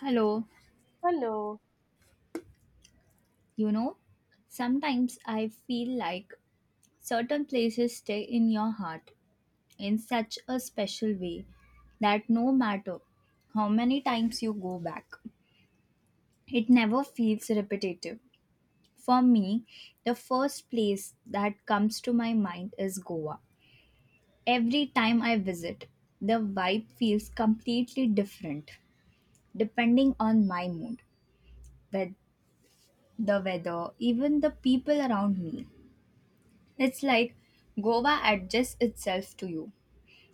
Hello, Hello. you know, sometimes I feel like certain places stay in your heart in such a special way that no matter how many times you go back, it never feels repetitive. For me, the first place that comes to my mind is Goa. Every time I visit, the vibe feels completely different depending on my mood, with the weather, even the people around me. It's like Goa adjusts itself to you,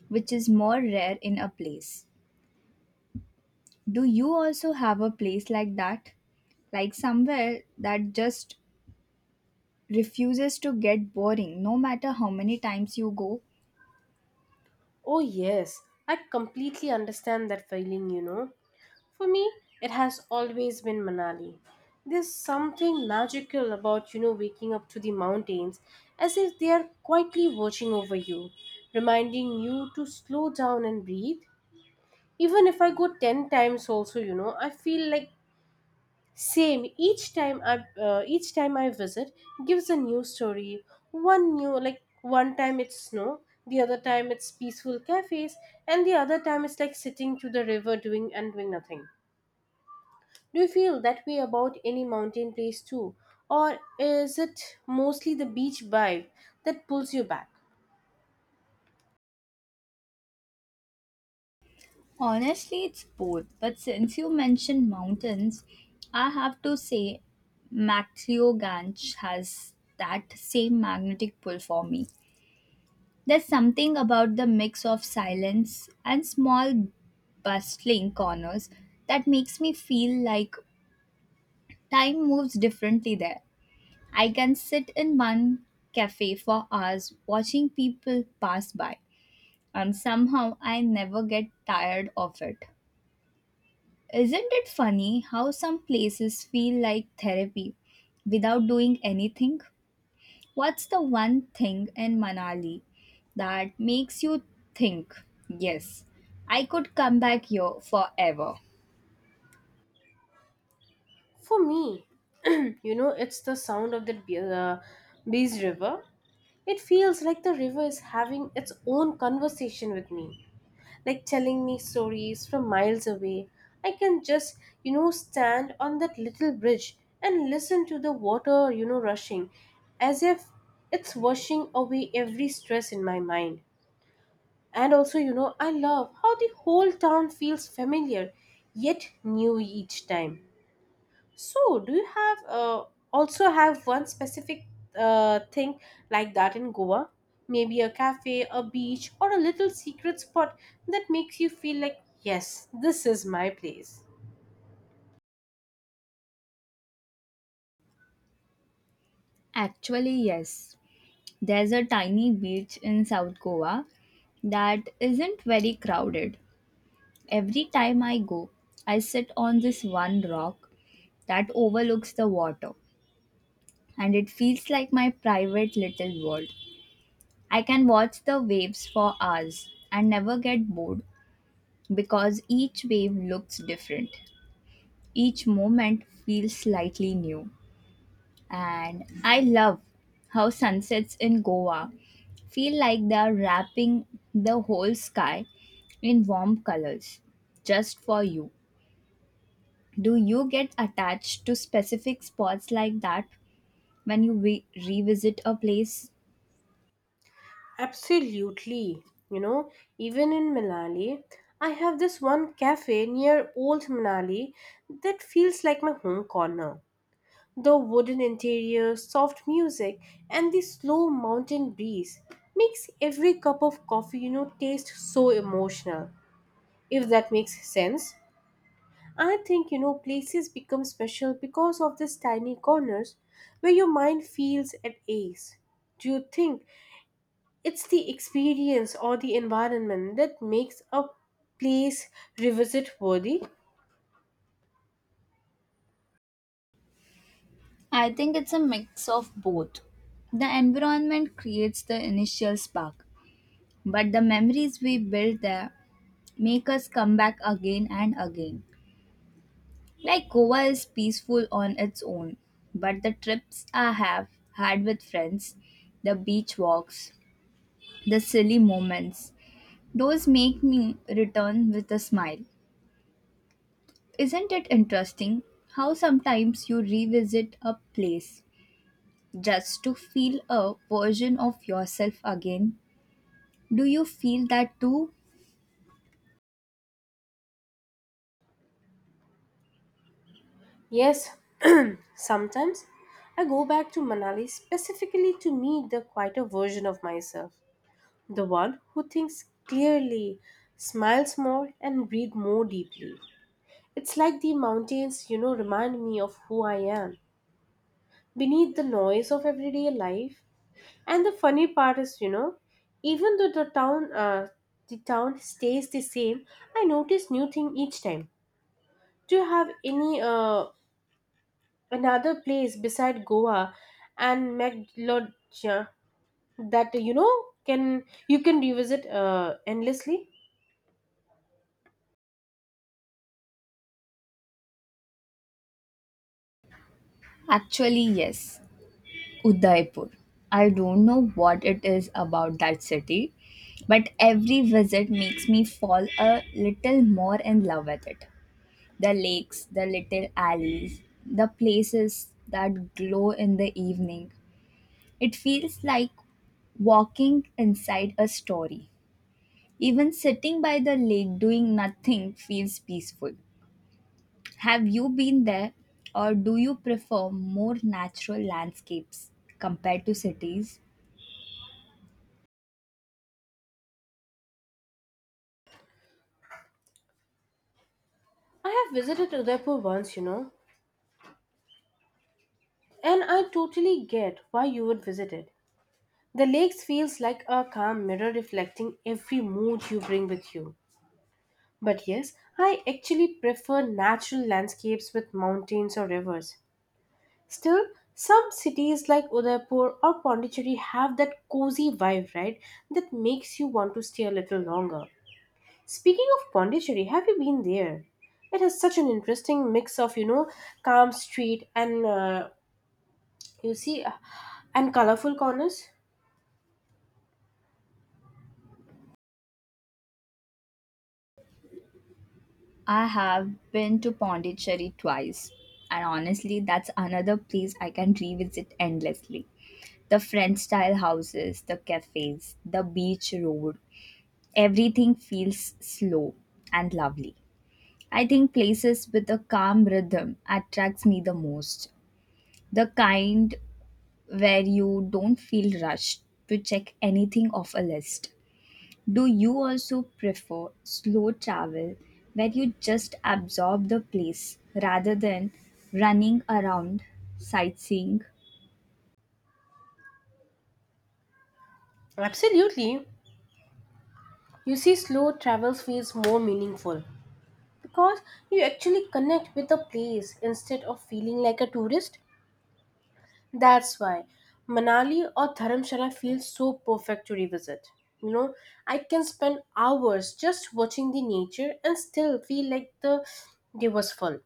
which is more rare in a place. Do you also have a place like that? Like somewhere that just refuses to get boring no matter how many times you go? Oh, yes. I completely understand that feeling, For me, it has always been Manali. There's something magical about, waking up to the mountains as if they are quietly watching over you, reminding you to slow down and breathe. Even if I go 10 times, also, I feel like Same. Each time I visit gives a new story. One new like one time it's snow, the other time it's peaceful cafes, and the other time it's like sitting to the river doing and doing nothing. Do you feel that way about any mountain place too, or is it mostly the beach vibe that pulls you back? Honestly, it's both. But since you mentioned mountains, I have to say Matlioganj has that same magnetic pull for me. There's something about the mix of silence and small bustling corners that makes me feel like time moves differently there. I can sit in one cafe for hours watching people pass by, and somehow I never get tired of it. Isn't it funny how some places feel like therapy without doing anything? What's the one thing in Manali that makes you think, yes, I could come back here forever? For me, it's the sound of bees river. It feels like the river is having its own conversation with me like telling me stories from miles away. I can just, stand on that little bridge and listen to the water, rushing as if it's washing away every stress in my mind. And also, I love how the whole town feels familiar yet new each time. So, do you have also have one specific thing like that in Goa? Maybe a cafe, a beach, or a little secret spot that makes you feel like, yes, this is my place. Actually, yes. There's a tiny beach in South Goa that isn't very crowded. Every time I go, I sit on this one rock that overlooks the water, and it feels like my private little world. I can watch the waves for hours and never get bored because each wave looks different. Each moment feels slightly new. And I love how sunsets in Goa feel like they are wrapping the whole sky in warm colors just for you. Do you get attached to specific spots like that when you revisit a place? Absolutely. You know, even in Manali, I have this one cafe near Old Manali that feels like my home corner. The wooden interior, soft music, and the slow mountain breeze makes every cup of coffee, taste so emotional. If that makes sense. I think, places become special because of these tiny corners where your mind feels at ease. Do you think it's the experience or the environment that makes a place revisit worthy? I think it's a mix of both. The environment creates the initial spark, but the memories we build there make us come back again and again. Like Goa is peaceful on its own, but the trips I have had with friends, the beach walks, the silly moments, those make me return with a smile. Isn't it interesting how sometimes you revisit a place just to feel a version of yourself again? Do you feel that too? Yes, sometimes I go back to Manali specifically to meet the quieter version of myself, the one who thinks clearly, smiles more, and breathes more deeply. It's like the mountains, remind me of who I am beneath the noise of everyday life. And the funny part is, even though the town stays the same, I notice new thing each time. Do you have any another place beside Goa and Meghalaya that can you can revisit endlessly. Actually, yes. Udaipur. I don't know what it is about that city, but every visit makes me fall a little more in love with it. The lakes, the little alleys, the places that glow in the evening. It feels like walking inside a story. Even sitting by the lake doing nothing feels peaceful. Have you been there, or do you prefer more natural landscapes compared to cities? I have visited Udaipur once, and I totally get why you would visit it. The lakes feels like a calm mirror reflecting every mood you bring with you. But yes, I actually prefer natural landscapes with mountains or rivers. Still, some cities like Udaipur or Pondicherry have that cozy vibe, right? That makes you want to stay a little longer. Speaking of Pondicherry, have you been there? It has such an interesting mix of, calm street and uh, you see, uh, and colorful corners. I have been to Pondicherry twice, and honestly, that's another place I can revisit endlessly. The French style houses, the cafes, the beach road, everything feels slow and lovely. I think places with a calm rhythm attracts me the most. The kind where you don't feel rushed to check anything off a list. Do you also prefer slow travel where you just absorb the place rather than running around sightseeing? Absolutely, you see, slow travels feels more meaningful because you actually connect with the place instead of feeling like a tourist. That's why Manali or Dharamshala feels so perfect to revisit. You know, I can spend hours just watching the nature and still feel like the day was full.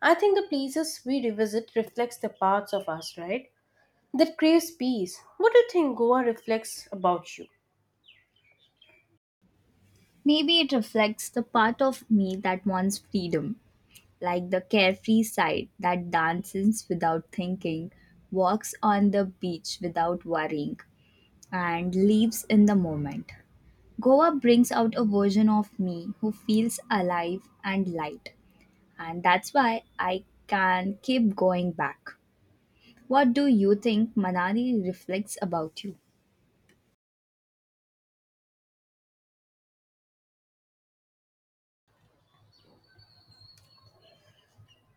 I think the places we revisit reflects the parts of us, right? That craves peace. What do you think Goa reflects about you? Maybe it reflects the part of me that wants freedom, like the carefree side that dances without thinking, walks on the beach without worrying, and lives in the moment. Goa brings out a version of me who feels alive and light and that's why I can keep going back. What do you think Manali reflects about you?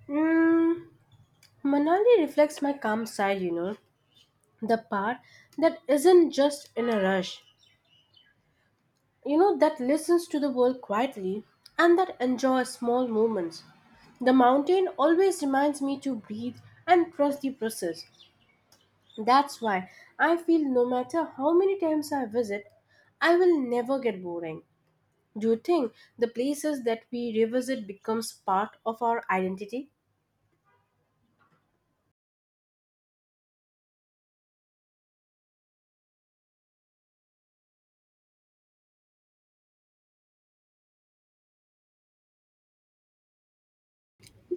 Mm, Manali reflects my calm side, the part that isn't just in a rush. You know that listens to the world quietly and that enjoys small moments. The mountain always reminds me to breathe and trust the process. That's why I feel no matter how many times I visit I will never get boring. Do you think the places that we revisit becomes part of our identity?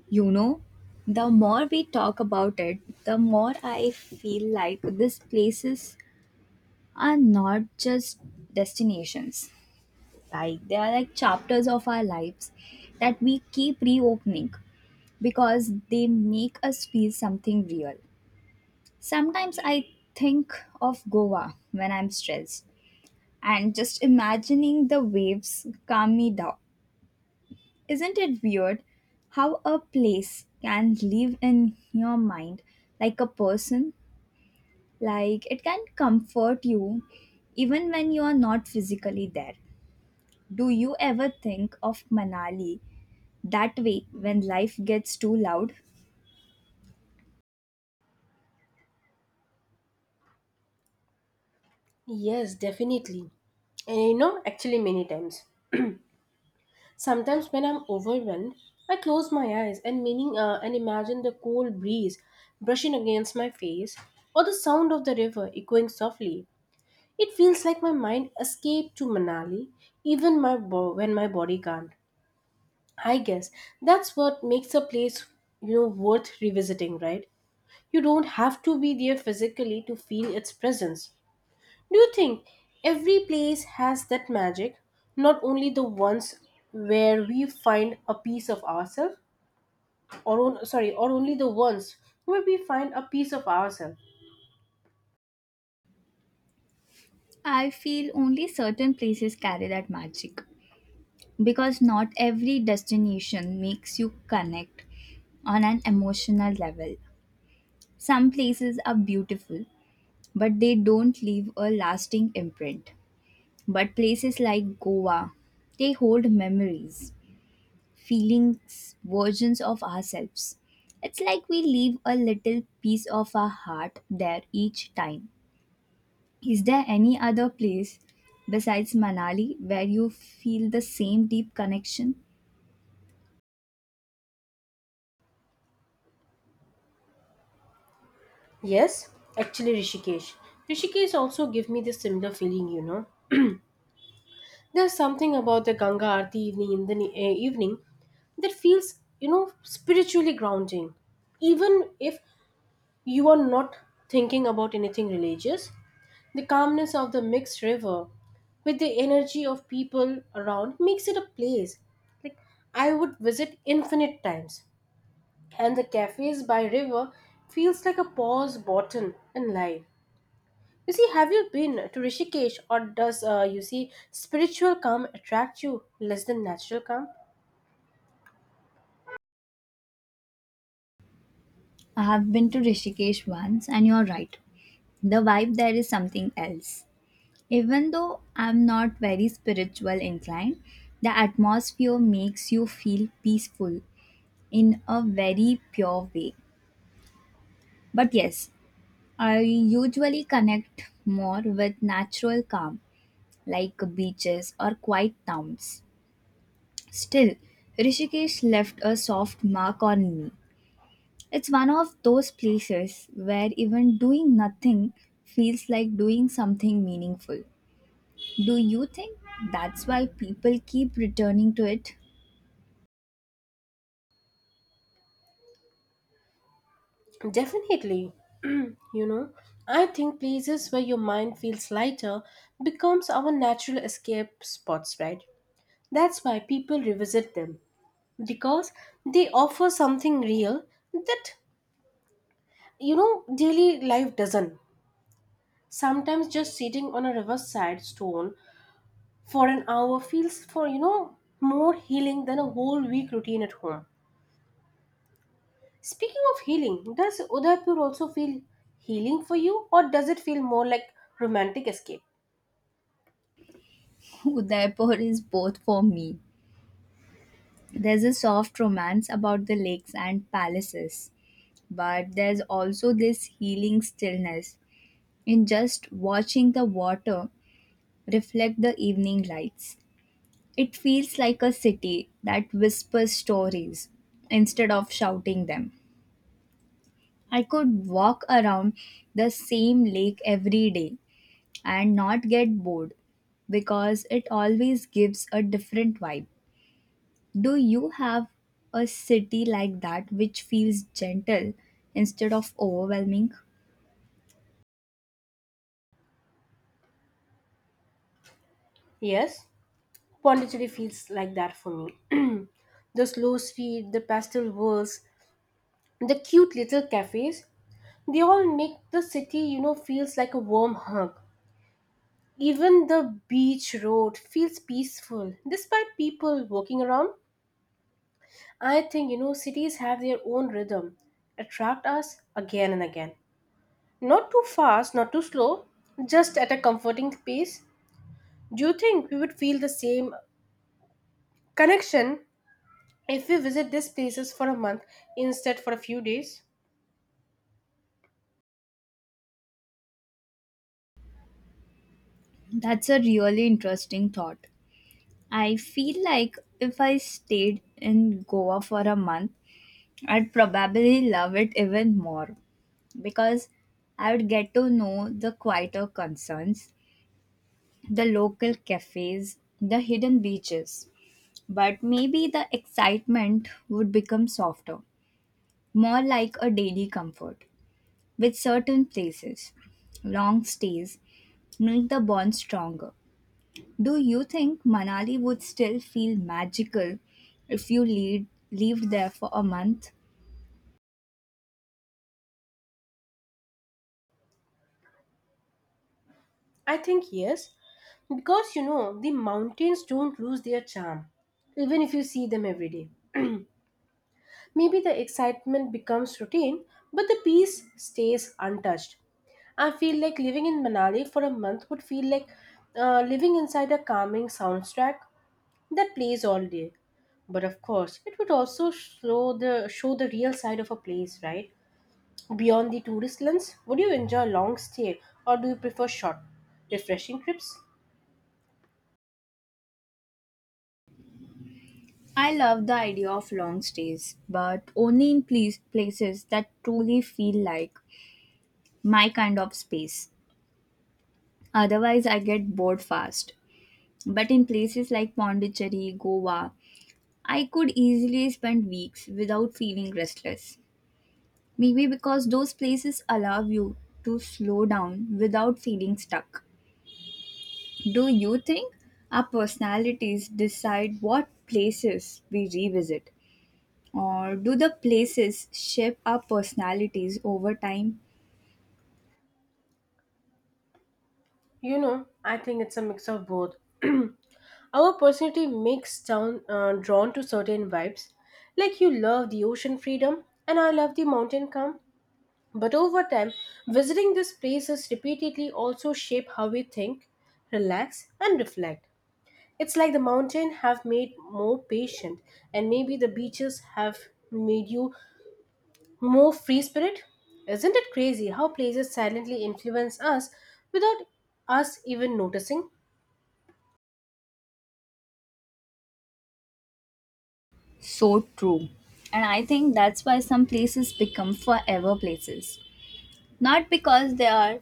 You know, the more we talk about it, the more I feel like these places are not just destinations. Like they are like chapters of our lives that we keep reopening because they make us feel something real. Sometimes I think of Goa when I'm stressed. And just imagining the waves calm me down. Isn't it weird how a place can live in your mind like a person? Like it can comfort you even when you are not physically there. Do you ever think of Manali that way when life gets too loud? Yes, definitely. And actually many times sometimes when I'm overwhelmed, I close my eyes and meaning and imagine the cool breeze brushing against my face or the sound of the river echoing softly. It feels like my mind escaped to Manali even when my body can't. I guess that's what makes a place worth revisiting, right? You don't have to be there physically to feel its presence. Do you think every place has that magic? Not only the ones where we find a piece of ourselves, or only the ones where we find a piece of ourselves. I feel only certain places carry that magic because not every destination makes you connect on an emotional level. Some places are beautiful, but they don't leave a lasting imprint. But places like Goa, they hold memories, feelings, versions of ourselves. It's like we leave a little piece of our heart there each time. Is there any other place besides Manali where you feel the same deep connection? Yes, actually, Rishikesh. Rishikesh also give me this similar feeling. You know, there's something about the Ganga Aarti evening in the evening that feels, spiritually grounding. Even if you are not thinking about anything religious, the calmness of the mixed river with the energy of people around makes it a place like I would visit infinite times. And the cafes by river feels like a pause button in life. You see, have you been to Rishikesh or does you see spiritual calm attract you less than natural calm? I have been to Rishikesh once, and you're right. The vibe there is something else. Even though I'm not very spiritual inclined, the atmosphere makes you feel peaceful in a very pure way. But yes, I usually connect more with natural calm like beaches or quiet towns. Still, Rishikesh left a soft mark on me. It's one of those places where even doing nothing feels like doing something meaningful. Do you think that's why people keep returning to it? Definitely. You know, I think places where your mind feels lighter becomes our natural escape spots, right? That's why people revisit them, because they offer something real that daily life doesn't. Sometimes just sitting on a riverside stone for an hour feels for more healing than a whole week routine at home. Speaking of healing, does Udaipur also feel healing for you or does it feel more like romantic escape? Udaipur is both for me. There's a soft romance about the lakes and palaces, but there's also this healing stillness in just watching the water reflect the evening lights. It feels like a city that whispers stories instead of shouting them. I could walk around the same lake every day and not get bored because it always gives a different vibe. Do you have a city like that which feels gentle instead of overwhelming? Yes, Pondicherry feels like that for me. The slow street, the pastel walls, the cute little cafes, they all make the city, feels like a warm hug. Even the beach road feels peaceful despite people walking around. I think, cities have their own rhythm, attract us again and again. Not too fast, not too slow, just at a comforting pace. Do you think we would feel the same connection if we visit these places for a month instead for a few days? That's a really interesting thought. I feel like if I stayed in Goa for a month, I'd probably love it even more because I would get to know the quieter concerns, the local cafes, the hidden beaches. But maybe the excitement would become softer, more like a daily comfort with certain places, long stays, make the bond stronger. Do you think Manali would still feel magical if you lived there for a month? I think yes, because the mountains don't lose their charm, even if you see them every day. Maybe the excitement becomes routine, but the peace stays untouched. I feel like living in Manali for a month would feel like living inside a calming soundtrack that plays all day. But of course, it would also show the real side of a place, right? Beyond the tourist lens, would you enjoy a long stay or do you prefer short, refreshing trips? I love the idea of long stays, but only in places that truly feel like my kind of space. Otherwise, I get bored fast. But in places like Pondicherry, Goa, I could easily spend weeks without feeling restless. Maybe because those places allow you to slow down without feeling stuck. Do you think our personalities decide what places we revisit? Or do the places shape our personalities over time? You know, I think it's a mix of both. Our personality makes down drawn to certain vibes. Like you love the ocean freedom, and I love the mountain calm. But over time, visiting these places repeatedly also shape how we think, relax, and reflect. It's like the mountain have made more patient, and maybe the beaches have made you more free spirit. Isn't it crazy how places silently influence us without us even noticing? So true. And I think that's why some places become forever places. Not because they are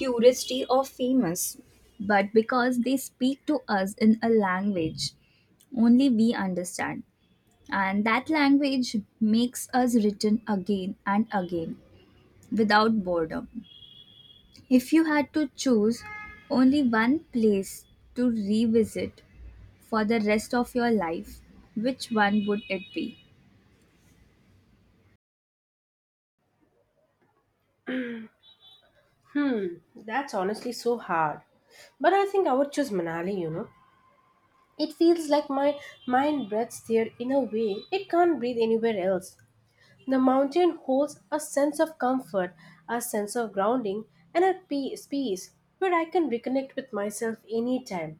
touristy or famous, but because they speak to us in a language only we understand. And that language makes us written again and again without boredom. If you had to choose only one place to revisit for the rest of your life, which one would it be? Hmm, that's honestly so hard. But I think I would choose Manali, It feels like my mind breathes there in a way it can't breathe anywhere else. The mountain holds a sense of comfort, a sense of grounding, and a peace where I can reconnect with myself anytime.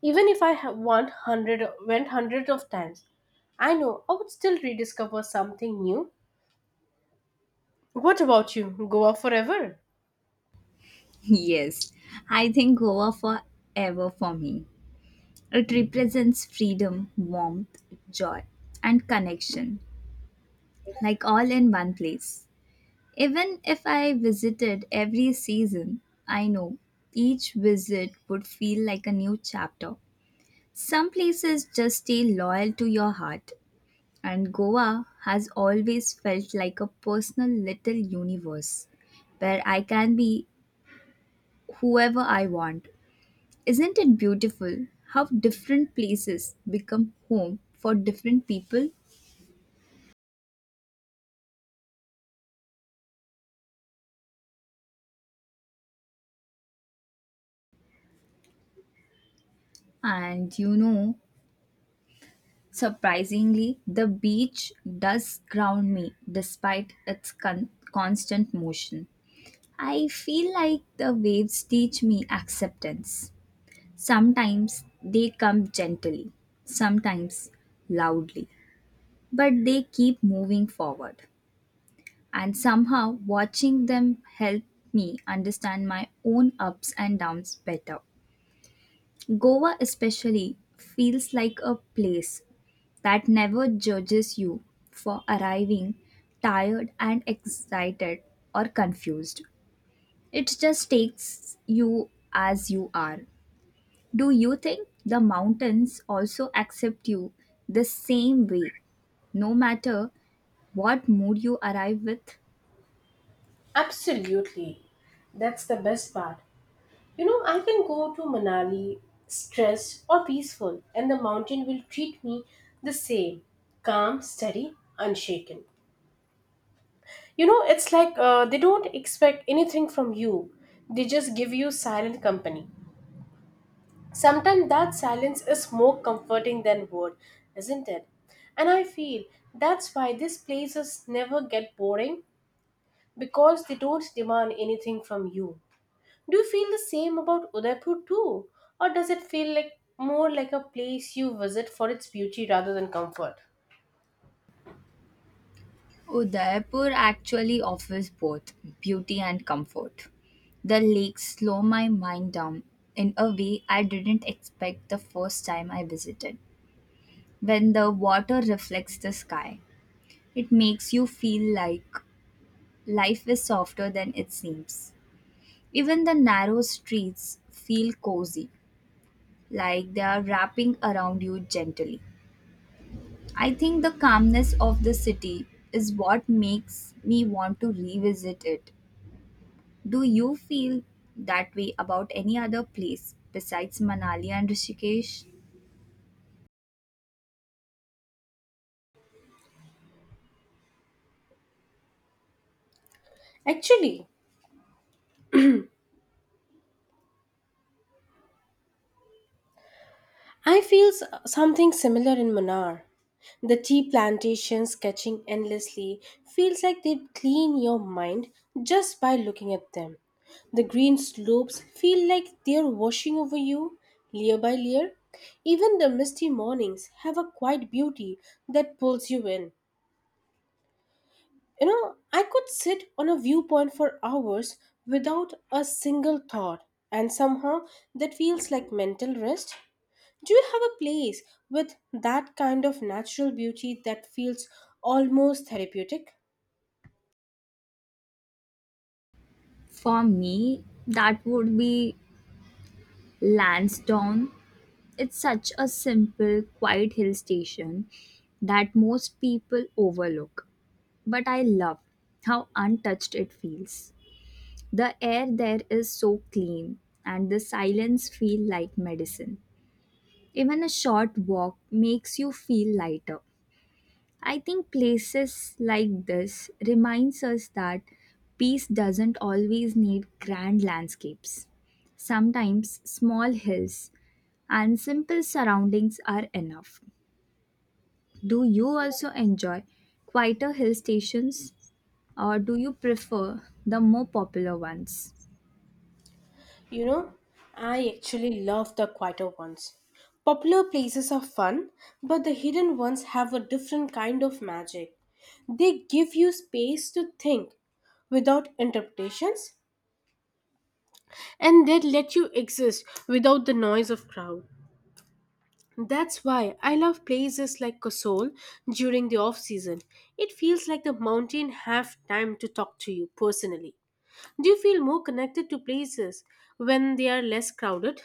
Even if I ha- want hundred, went hundreds of times, I know I would still rediscover something new. What about you? Goa forever? Yes, I think Goa forever for me. It represents freedom, warmth, joy, and connection, like all in one place. Even if I visited every season, I know each visit would feel like a new chapter. Some places just stay loyal to your heart, and Goa has always felt like a personal little universe where I can be whoever I want. Isn't it beautiful how different places become home for different people? And you know, surprisingly, the beach does ground me despite its constant motion. I feel like the waves teach me acceptance. Sometimes they come gently, sometimes loudly, but they keep moving forward. And somehow, watching them helped me understand my own ups and downs better. Goa, especially, feels like a place that never judges you for arriving tired and excited or confused. It just takes you as you are. Do you think the mountains also accept you the same way, no matter what mood you arrive with? Absolutely. That's the best part. You know, I can go to Manali stressed or peaceful, and the mountain will treat me the same calm, steady, unshaken. You know, it's like they don't expect anything from you, they just give you silent company. Sometimes that silence is more comforting than word, isn't it? And I feel that's why these places never get boring because they don't demand anything from you. Do you feel the same about Udaipur too? Or does it feel like more like a place you visit for its beauty rather than comfort? Udaipur actually offers both beauty and comfort. The lakes slow my mind down in a way I didn't expect the first time I visited. When the water reflects the sky, it makes you feel like life is softer than it seems. Even the narrow streets feel cozy, like they are wrapping around you gently. I think the calmness of the city is what makes me want to revisit it. Do you feel that way about any other place besides Manali and Rishikesh? Actually, I feel something similar in Manar. The tea plantations catching endlessly feels like they clean your mind just by looking at them. The green slopes feel like they're washing over you layer by layer. Even the misty mornings have a quiet beauty that pulls you in. You know, I could sit on a viewpoint for hours without a single thought, and somehow that feels like mental rest. Do you have a place with that kind of natural beauty that feels almost therapeutic? For me, that would be Lansdowne. It's such a simple, quiet hill station that most people overlook, but I love how untouched it feels. The air there is so clean and the silence feels like medicine. Even a short walk makes you feel lighter. I think places like this reminds us that peace doesn't always need grand landscapes. Sometimes small hills and simple surroundings are enough. Do you also enjoy quieter hill stations or do you prefer the more popular ones? You know, I actually love the quieter ones. Popular places are fun, but the hidden ones have a different kind of magic. They give you space to think without interpretations and they let you exist without the noise of crowd. That's why I love places like Kasol during the off season. It feels like the mountain have time to talk to you personally. Do you feel more connected to places when they are less crowded?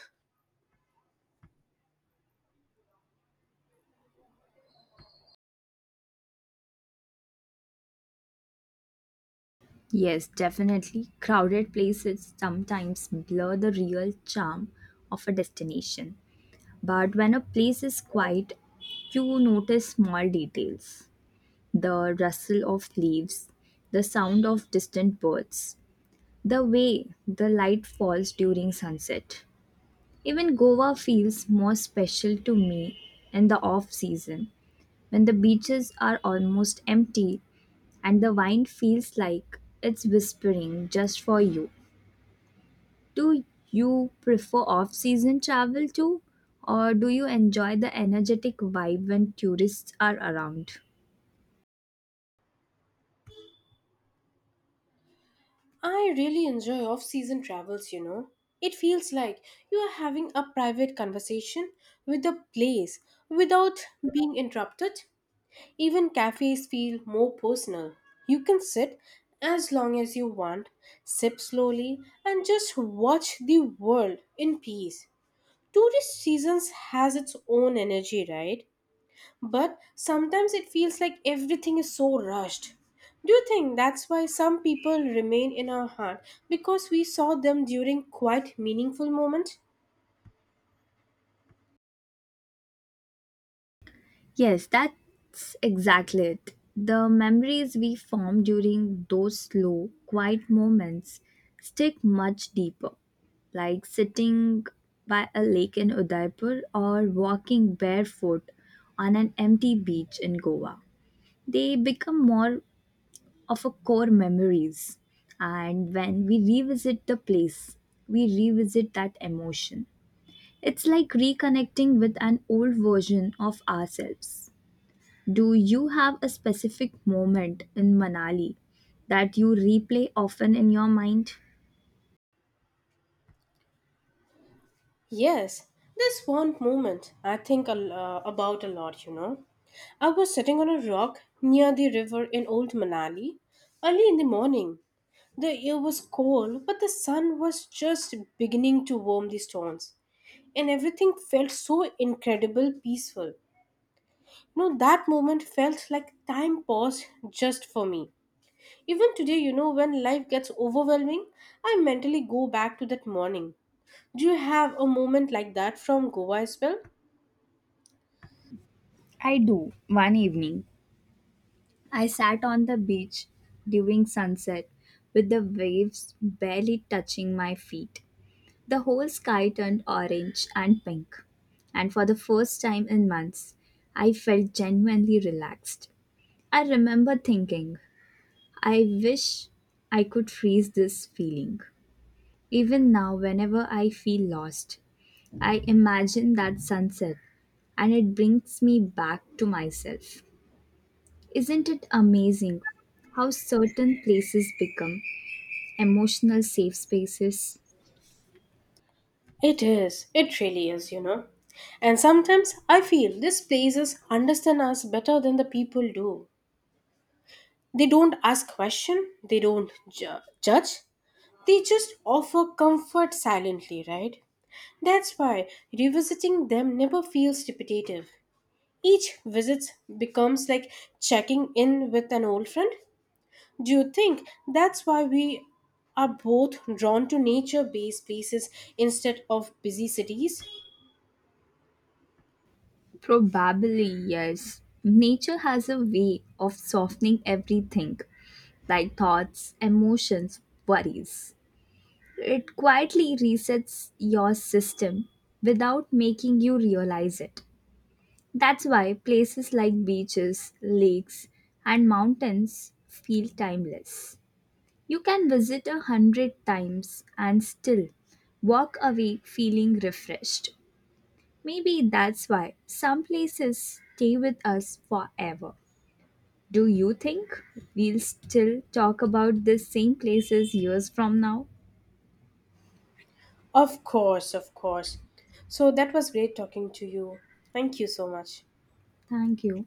Yes, definitely. Crowded places sometimes blur the real charm of a destination. But when a place is quiet, you notice small details, the rustle of leaves, the sound of distant birds, the way the light falls during sunset. Even Goa feels more special to me in the off season when the beaches are almost empty and the wine feels like it's whispering just for you. Do you prefer off season travel too? Or do you enjoy the energetic vibe when tourists are around? I really enjoy off season travels, It feels like you are having a private conversation with the place without being interrupted. Even cafes feel more personal. You can sit as long as you want, sip slowly, and just watch the world in peace. Tourist seasons has its own energy, right? But sometimes it feels like everything is so rushed. Do you think that's why some people remain in our heart because we saw them during quite meaningful moments? Yes, that's exactly it. The memories we form during those slow, quiet moments stick much deeper, like sitting by a lake in Udaipur or walking barefoot on an empty beach in Goa. They become more of our core memories. And when we revisit the place, we revisit that emotion. It's like reconnecting with an old version of ourselves. Do you have a specific moment in Manali that you replay often in your mind? Yes, this one moment I think about a lot, I was sitting on a rock near the river in Old Manali early in the morning. The air was cold, but the sun was just beginning to warm the stones, and everything felt so incredible peaceful. You that moment felt like time paused just for me. Even today, when life gets overwhelming, I mentally go back to that morning. Do you have a moment like that from Goa as well? I do. One evening, I sat on the beach during sunset with the waves barely touching my feet. The whole sky turned orange and pink, and for the first time in months, I felt genuinely relaxed. I remember thinking, I wish I could freeze this feeling. Even now, whenever I feel lost, I imagine that sunset and it brings me back to myself. Isn't it amazing how certain places become emotional safe spaces? It is. It really is, And sometimes I feel these places understand us better than the people do. They don't ask question, they don't judge. They just offer comfort silently, right? That's why revisiting them never feels repetitive. Each visit becomes like checking in with an old friend. Do you think that's why we are both drawn to nature based places instead of busy cities? Probably, yes. Nature has a way of softening everything, like thoughts, emotions, worries. It quietly resets your system without making you realize it. That's why places like beaches, lakes, and mountains feel timeless. You can visit 100 times and still walk away feeling refreshed. Maybe that's why some places stay with us forever. Do you think we'll still talk about the same places years from now? Of course, of course. So that was great talking to you. Thank you so much. Thank you.